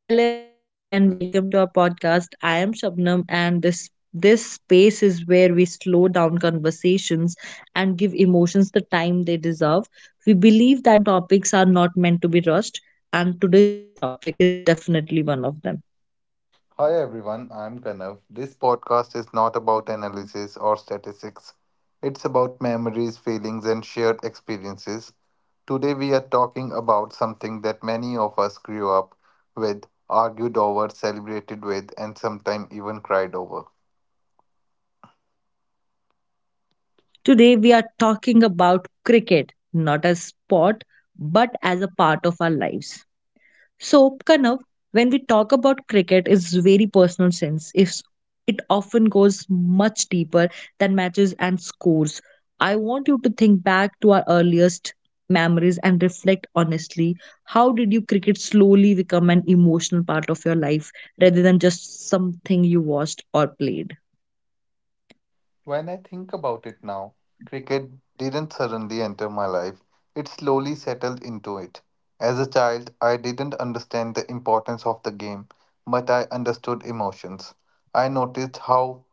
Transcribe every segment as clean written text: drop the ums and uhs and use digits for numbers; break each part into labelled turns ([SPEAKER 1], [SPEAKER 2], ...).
[SPEAKER 1] Hello everyone and welcome to our podcast. I am Shabnam and this space is where we slow down conversations and give emotions the time they deserve. We believe that some topics are not meant to be rushed and today's topic is definitely one of them.
[SPEAKER 2] Hi everyone, I'm Kanav. This podcast is not about analysis or statistics. It's about memories, feelings, and shared experiences. Today we are talking about something that many of us grew up with, argued over, celebrated with, and sometimes even cried over.
[SPEAKER 1] Today we are talking about cricket, not as sport but as a part of our lives. So, Kanav, when we talk about cricket, is very personal sense. If it often goes much deeper than matches and scores. I want you to think back to our earliest memories and reflect honestly. How did you cricket slowly become an emotional part of your life rather than just something you watched or played?
[SPEAKER 2] When I think about it now, cricket didn't suddenly enter my life. It slowly settled into it. As a child, I didn't understand the importance of the game, but I understood emotions. I noticed how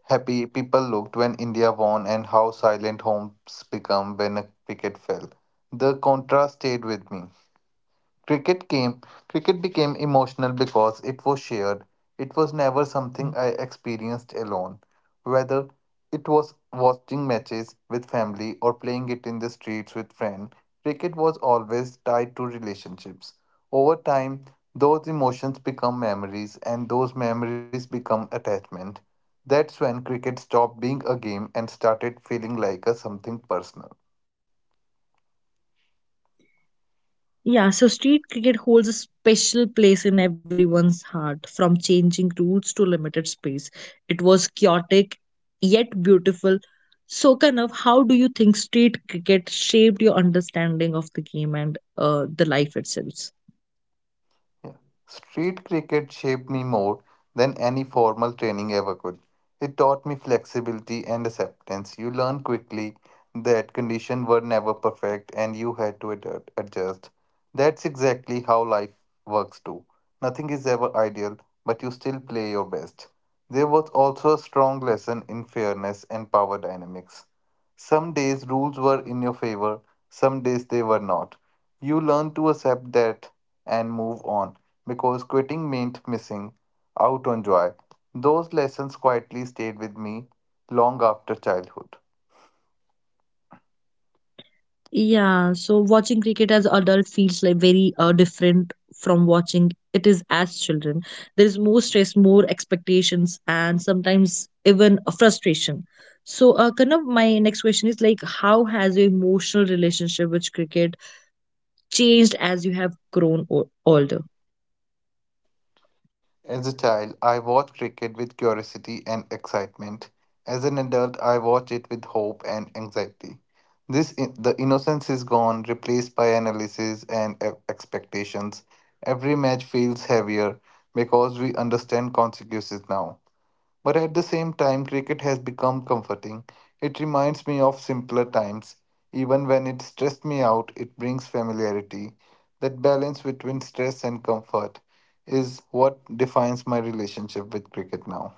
[SPEAKER 2] happy people looked when India won and how silent homes become when a wicket fell. The contrast stayed with me. Cricket came cricket became emotional because it was shared. It was never something I experienced alone. Whether it was watching matches with family or playing it in the streets with friends, cricket was always tied to relationships. Over time, those emotions become memories and those memories become attachment. That's when cricket stopped being a game and started feeling like a something personal.
[SPEAKER 1] Yeah, so street cricket holds a special place in everyone's heart. From changing rules to limited space, it was chaotic yet beautiful. So, Kanav, how do you think street cricket shaped your understanding of the game and the life itself?
[SPEAKER 2] Yeah. Street cricket shaped me more than any formal training ever could. It taught me flexibility and acceptance. You learn quickly that conditions were never perfect and you had to adjust. That's exactly how life works too. Nothing is ever ideal, but you still play your best. There was also a strong lesson in fairness and power dynamics. Some days rules were in your favor, some days they were not. You learn to accept that and move on because quitting meant missing out on joy. Those lessons quietly stayed with me long after childhood.
[SPEAKER 1] Yeah, so watching cricket as adult feels like very different from watching it is as children. There is more stress, more expectations, and sometimes even a frustration. So, kind of my next question is like, how has your emotional relationship with cricket changed as you have grown older?
[SPEAKER 2] As a child, I watched cricket with curiosity and excitement. As an adult, I watch it with hope and anxiety. The innocence is gone, replaced by analysis and expectations. Every match feels heavier because we understand consequences now. But at the same time, cricket has become comforting. It reminds me of simpler times. Even when it stressed me out, it brings familiarity. That balance between stress and comfort is what defines my relationship with cricket now.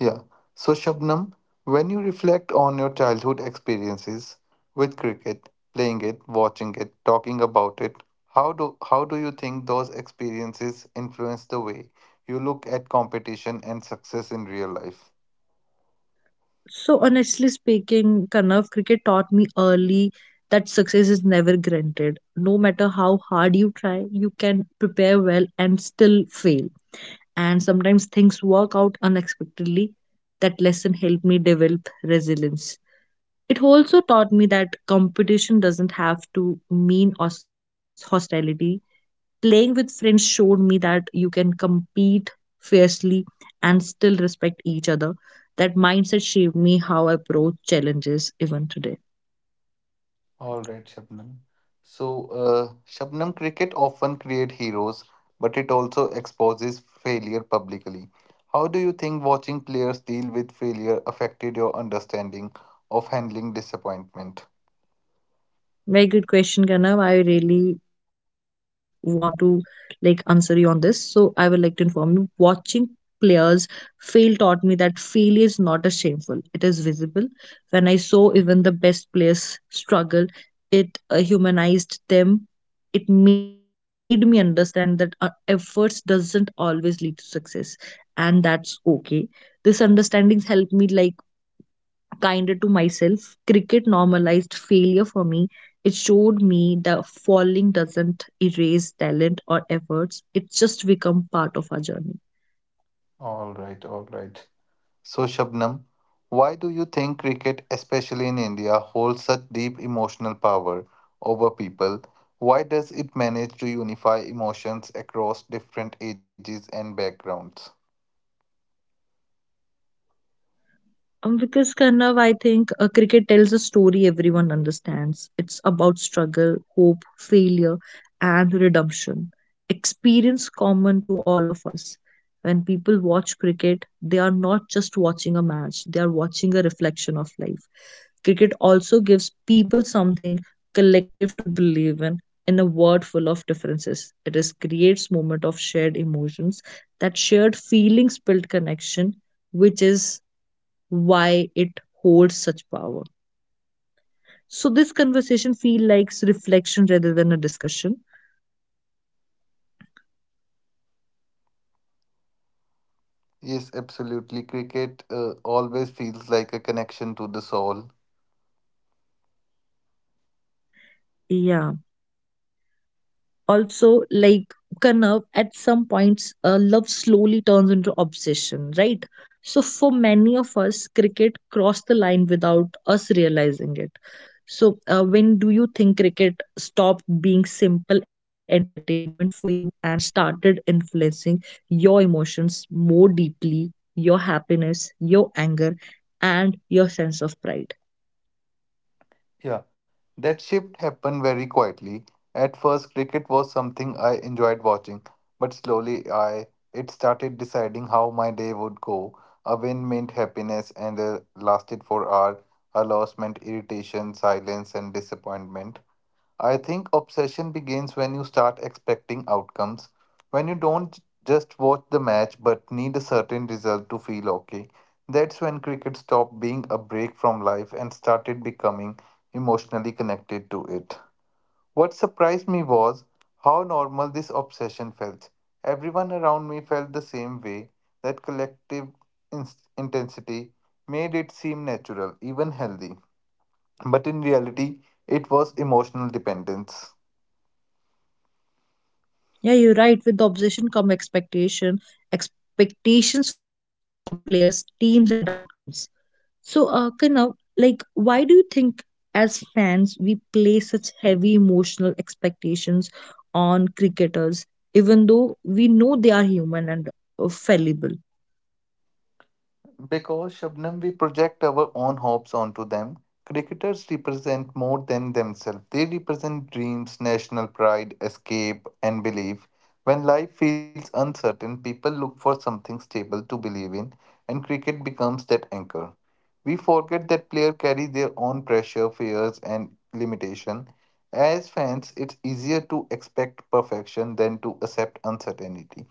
[SPEAKER 2] Yeah. So, Shabnam, when you reflect on your childhood experiences with cricket, playing it, watching it, talking about it, how do you think those experiences influence the way you look at competition and success in real life?
[SPEAKER 1] So, honestly speaking, Kanav, cricket taught me early that success is never granted. No matter how hard you try, you can prepare well and still fail and sometimes things work out unexpectedly. That lesson helped me develop resilience. It also taught me that competition doesn't have to mean hostility. Playing with friends showed me that you can compete fiercely and still respect each other. That mindset shaped me how I approach challenges even today.
[SPEAKER 2] All right, Shabnam. So, Shabnam, cricket often create heroes, but it also exposes failure publicly. How do you think watching players deal with failure affected your understanding of handling disappointment?
[SPEAKER 1] Very good question, Kanav. I really want to like answer you on this. So I would like to inform you, watching players fail taught me that failure is not a shameful. It is visible. When I saw even the best players struggle, it humanized them. It made me understand that efforts doesn't always lead to success, and that's okay. This understanding helped me like kinder to myself. Cricket normalized failure for me. It showed me that falling doesn't erase talent or efforts, it just become part of our journey.
[SPEAKER 2] All right, all right. So, Shabnam, why do you think cricket, especially in India, holds such deep emotional power over people? Why does it manage to unify emotions across different ages and backgrounds?
[SPEAKER 1] Because Kanav, I think cricket tells a story everyone understands. It's about struggle, hope, failure, and redemption. Experience common to all of us. When people watch cricket, they are not just watching a match, they are watching a reflection of life. Cricket also gives people something collective to believe in a world full of differences. It is creates moment of shared emotions. That shared feelings build connection, which is why it holds such power. So this conversation feel like reflection rather than a discussion.
[SPEAKER 2] Yes, absolutely. Cricket always feels like a connection to the soul.
[SPEAKER 1] Yeah, also like Kanav at some points love slowly turns into obsession, right? So for many of us cricket crossed the line without us realizing it. So when do you think cricket stopped being simple entertainment for you and started influencing your emotions more deeply, your happiness, your anger, and your sense of pride?
[SPEAKER 2] Yeah, that shift happened very quietly. At first, cricket was something I enjoyed watching, but slowly I it started deciding how my day would go. A win meant happiness and lasted for hours. A loss meant irritation, silence, and disappointment. I think obsession begins when you start expecting outcomes, when you don't just watch the match but need a certain result to feel okay. That's when cricket stopped being a break from life and started becoming emotionally connected to it. What surprised me was how normal this obsession felt. Everyone around me felt the same way. That collective intensity made it seem natural, even healthy. But in reality, it was emotional dependence.
[SPEAKER 1] Yeah, you're right. With the obsession come expectation, expectations from players, teams, and outcomes. So, Kanav, like, why do you think as fans we place such heavy emotional expectations on cricketers, even though we know they are human and fallible?
[SPEAKER 2] Because, Shabnam, we project our own hopes onto them. Cricketers represent more than themselves. They represent dreams, national pride, escape, and belief. When life feels uncertain, people look for something stable to believe in, and cricket becomes that anchor. We forget that players carry their own pressure, fears, and limitation. As fans, it's easier to expect perfection than to accept uncertainty.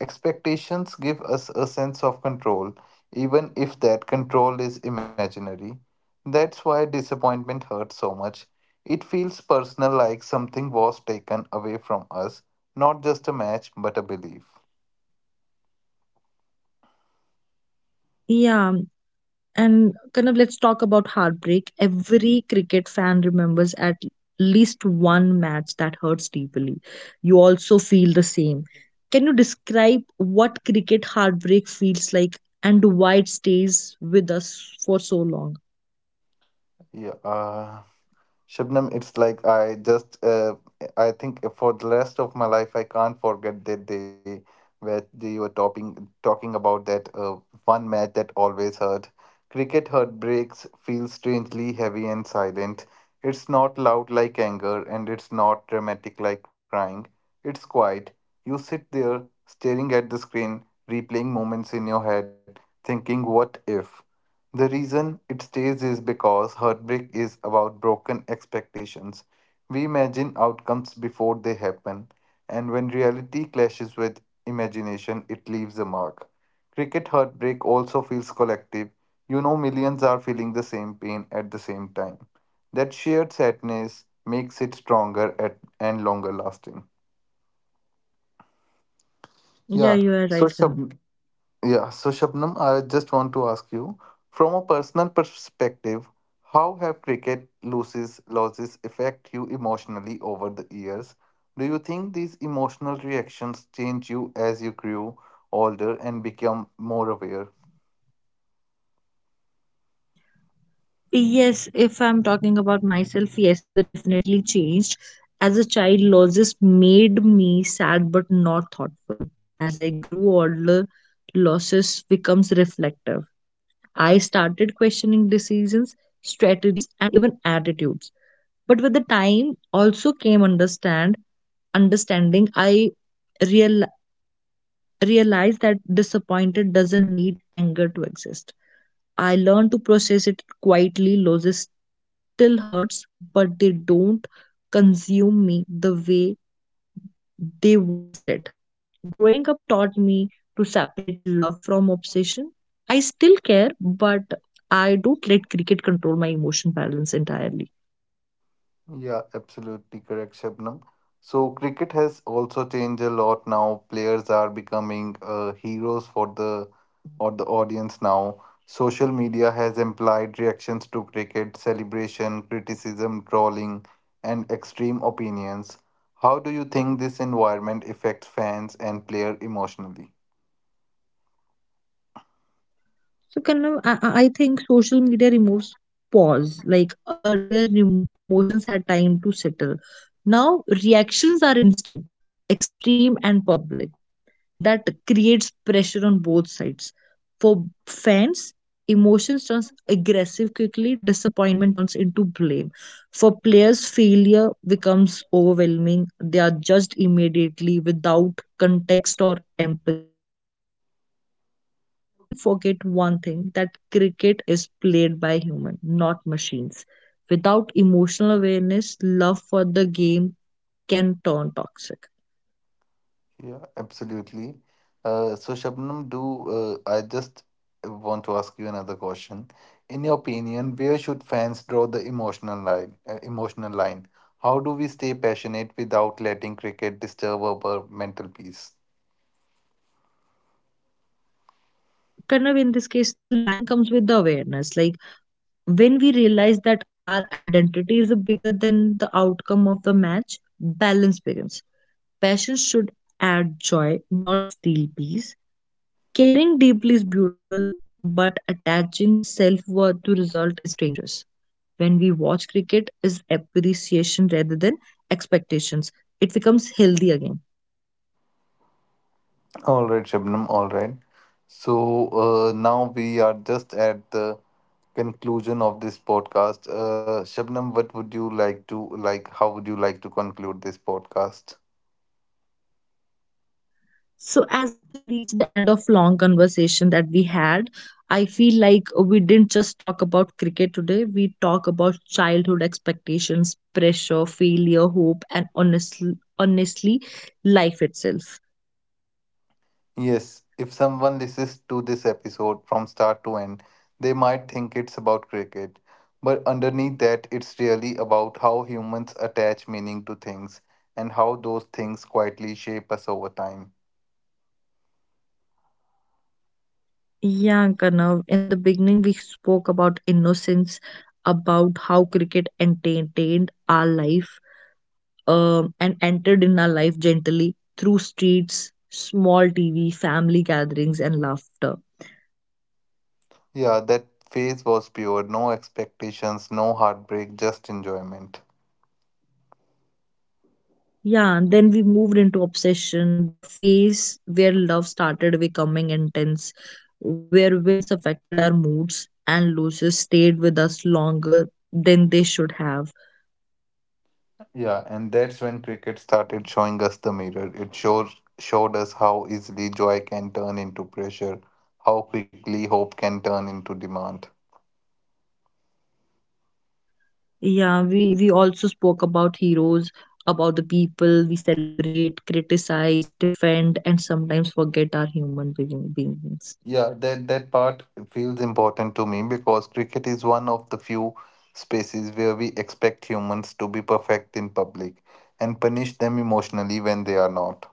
[SPEAKER 2] Expectations give us a sense of control, even if that control is imaginary. That's why disappointment hurts so much. It feels personal, like something was taken away from us, not just a match, but a belief.
[SPEAKER 1] Yeah, and kind of let's talk about heartbreak. Every cricket fan remembers at least one match that hurts deeply. You also feel the same. Can you describe what cricket heartbreak feels like and why it stays with us for so long?
[SPEAKER 2] Yeah. uh, Shabnam, it's like I think for the rest of my life, I can't forget that day where they were talking about that one match that always hurt. Cricket heartbreaks feel strangely heavy and silent. It's not loud like anger, and it's not dramatic like crying. It's quiet. You sit there, staring at the screen, replaying moments in your head, thinking, what if? The reason it stays is because heartbreak is about broken expectations. We imagine outcomes before they happen, and when reality clashes with imagination, it leaves a mark. Cricket heartbreak also feels collective. You know, millions are feeling the same pain at the same time. That shared sadness makes it stronger at, and longer lasting.
[SPEAKER 1] Yeah, you
[SPEAKER 2] Yeah.
[SPEAKER 1] are right,
[SPEAKER 2] So,
[SPEAKER 1] Kana.
[SPEAKER 2] Shab- Yeah, so Shabnam, I just want to ask you from a personal perspective, how have cricket loses losses affect you emotionally over the years? Do you think these emotional reactions change you as you grew older and become more aware?
[SPEAKER 1] Yes, if I'm talking about myself, yes, they definitely changed. As a child, losses made me sad but not thoughtful. As I grew older, losses becomes reflective. I started questioning decisions, strategies, and even attitudes. But with the time also came understanding. I realized realized that disappointed doesn't need anger to exist. I learned to process it quietly. Losses still hurts, but they don't consume me the way they once did. Growing up taught me to separate love from obsession. I still care, but I don't let cricket control my emotion balance entirely.
[SPEAKER 2] Yeah, absolutely correct, Shabnam. So, cricket has also changed a lot now. Players are becoming heroes for the or the audience now. Social media has implied reactions to cricket, celebration, criticism, trolling, and extreme opinions. How do you think this environment affects fans and player emotionally?
[SPEAKER 1] So kind of, I think social media removes pause. Like earlier, emotions had time to settle. Now reactions are instant, extreme, and public. That creates pressure on both sides. For fans, emotions turns aggressive quickly. Disappointment turns into blame. For players, failure becomes overwhelming. They are judged immediately without context or empathy. So this environment forget one thing, that cricket is played by human, not machines. Without emotional awareness, love for the game can turn toxic.
[SPEAKER 2] Yeah, absolutely. So, Shabnam, do I just want to ask you another question? In your opinion, where should fans draw the emotional line? Emotional line. How do we stay passionate without letting cricket disturb our mental peace?
[SPEAKER 1] Kind of in this case the line comes with the awareness. Like when we realize that our identity is bigger than the outcome of the match, balance begins. Passion should add joy, not steal peace. Caring deeply is beautiful, but attaching self worth to result is dangerous. When we watch cricket is appreciation rather than expectations. It becomes healthy again.
[SPEAKER 2] All right, Shabnam. All right. So now we are just at the conclusion of this podcast. Shabnam, what would you like to like? How would you like to conclude this podcast?
[SPEAKER 1] So as we reach the end of long conversation that we had, I feel like we didn't just talk about cricket today. We talk about childhood expectations, pressure, failure, hope, and honestly life itself.
[SPEAKER 2] Yes, if someone listens to this episode from start to end, they might think it's about cricket. But underneath that, it's really about how humans attach meaning to things and how those things quietly shape us over time.
[SPEAKER 1] Yeah, Kanav. In the beginning, we spoke about innocence, about how cricket entertained our life and entered in our life gently through streets, small TV, family gatherings, and laughter.
[SPEAKER 2] Yeah, that phase was pure, no expectations, no heartbreak, just enjoyment.
[SPEAKER 1] Yeah, and then we moved into obsession, the phase where love started becoming intense, where wins affected our moods and losses stayed with us longer than they should have.
[SPEAKER 2] Yeah, and that's when cricket started showing us the mirror. It showed us how easily joy can turn into pressure, how quickly hope can turn into demand.
[SPEAKER 1] Yeah, we also spoke about heroes, about the people we celebrate, criticize, defend, and sometimes forget our human beings.
[SPEAKER 2] Yeah, that part feels important to me because cricket is one of the few spaces where we expect humans to be perfect in public and punish them emotionally when they are not.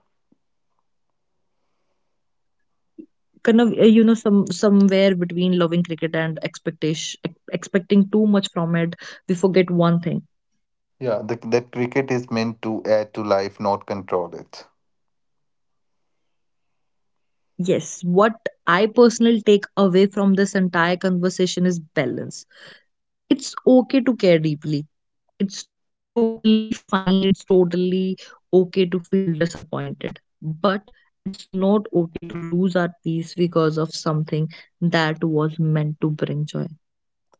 [SPEAKER 1] Kind of, you know, some somewhere between loving cricket and expectation expecting too much from it, we forget one thing.
[SPEAKER 2] That cricket is meant to add to life, not control it.
[SPEAKER 1] Yes, what I personally take away from this entire conversation is balance. It's okay to care deeply, it's totally fine, it's totally okay to feel disappointed, but it's not okay to lose our peace because of something that was meant to bring joy.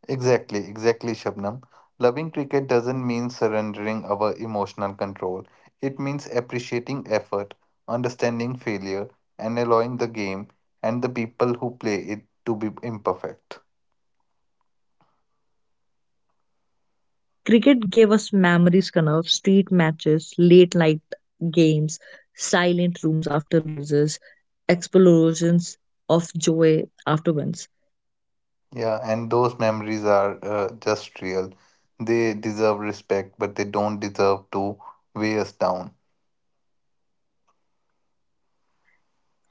[SPEAKER 2] Exactly, exactly, Shabnam. Loving cricket doesn't mean surrendering our emotional control. It means appreciating effort, understanding failure, and allowing the game and the people who play it to be imperfect.
[SPEAKER 1] Cricket gave us memories, Kanav, street matches, late night games, silent rooms after losses, explosions of joy after wins.
[SPEAKER 2] Yeah, and those memories are just real. They deserve respect, but they don't deserve to weigh us down.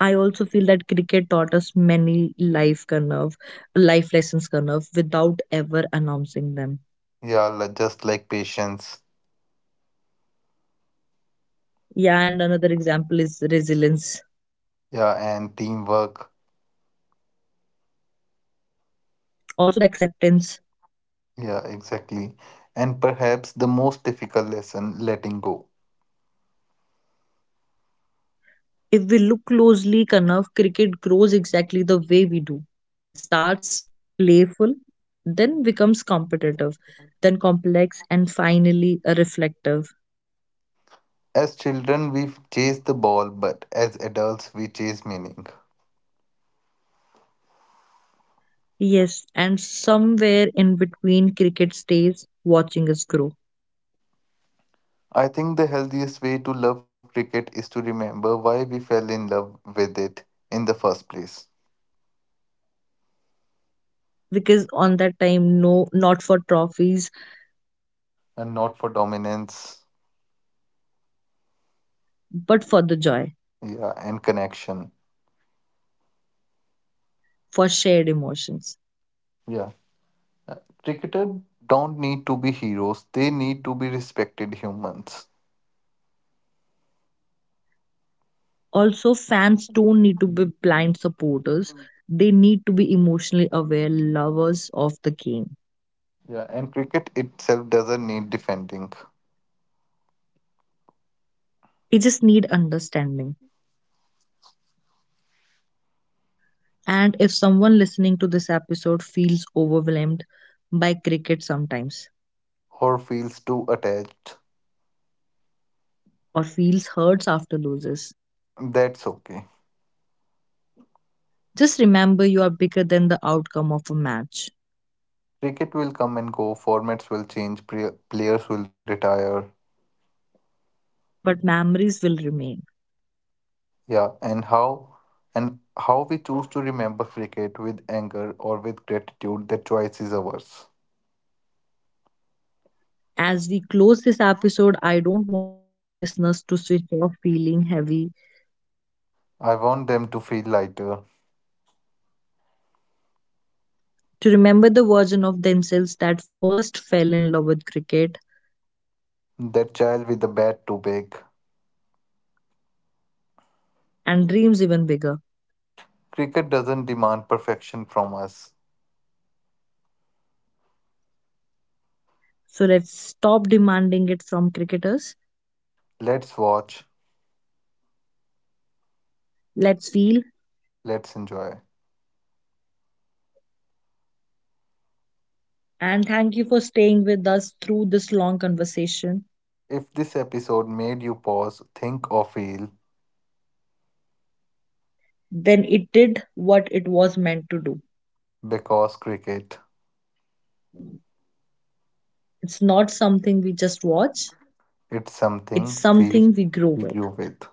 [SPEAKER 1] I also feel that cricket taught us many life Kanav, life lessons Kanav without ever announcing them.
[SPEAKER 2] Yeah, just like patience.
[SPEAKER 1] Yeah, and another example is resilience,
[SPEAKER 2] Yeah, and teamwork.
[SPEAKER 1] also the acceptance.
[SPEAKER 2] Yeah, exactly. And perhaps the most difficult lesson letting go.
[SPEAKER 1] If we look closely enough, cricket grows exactly the way we do. It starts playful, then becomes competitive, then complex, and finally a reflective.
[SPEAKER 2] As children, we chase the ball, but as adults, we chase meaning.
[SPEAKER 1] Yes, and somewhere in between, cricket stays watching us grow.
[SPEAKER 2] I think the healthiest way to love cricket is to remember why we fell in love with it in the first place
[SPEAKER 1] Because on that time, no, not for trophies,
[SPEAKER 2] and not for dominance.
[SPEAKER 1] but for the joy,
[SPEAKER 2] Yeah, and connection.
[SPEAKER 1] for shared emotions.
[SPEAKER 2] Yeah. Uh, Cricketers don't need to be heroes, they need to be respected humans.
[SPEAKER 1] Also, fans don't need to be blind supporters. They need to be emotionally aware lovers of the game.
[SPEAKER 2] Yeah, and cricket itself doesn't need defending
[SPEAKER 1] They just need understanding. And if someone listening to this episode feels overwhelmed by cricket sometimes
[SPEAKER 2] or feels too attached.
[SPEAKER 1] or feels hurts after loses,
[SPEAKER 2] That's okay.
[SPEAKER 1] just remember you are bigger than the outcome of a match.
[SPEAKER 2] Cricket will come and go, formats will change, players will retire.
[SPEAKER 1] But memories will remain.
[SPEAKER 2] Yeah, and how we choose to remember cricket with anger or with gratitude, that choice is ours.
[SPEAKER 1] As we close this episode, I don't want listeners to switch off feeling heavy,
[SPEAKER 2] I want them to feel lighter.
[SPEAKER 1] to remember the version of themselves that first fell in love with cricket
[SPEAKER 2] That child with the bat too big.
[SPEAKER 1] and dreams even bigger.
[SPEAKER 2] Cricket doesn't demand perfection from us.
[SPEAKER 1] So let's stop demanding it from cricketers.
[SPEAKER 2] Let's watch,
[SPEAKER 1] Let's feel,
[SPEAKER 2] let's enjoy.
[SPEAKER 1] and thank you for staying with us through this long conversation.
[SPEAKER 2] If this episode made you pause, think, or feel,
[SPEAKER 1] Then it did what it was meant to do.
[SPEAKER 2] because cricket,
[SPEAKER 1] It's not something we just watch,
[SPEAKER 2] it's
[SPEAKER 1] it's
[SPEAKER 2] something we
[SPEAKER 1] something we grow with.
[SPEAKER 2] grew with.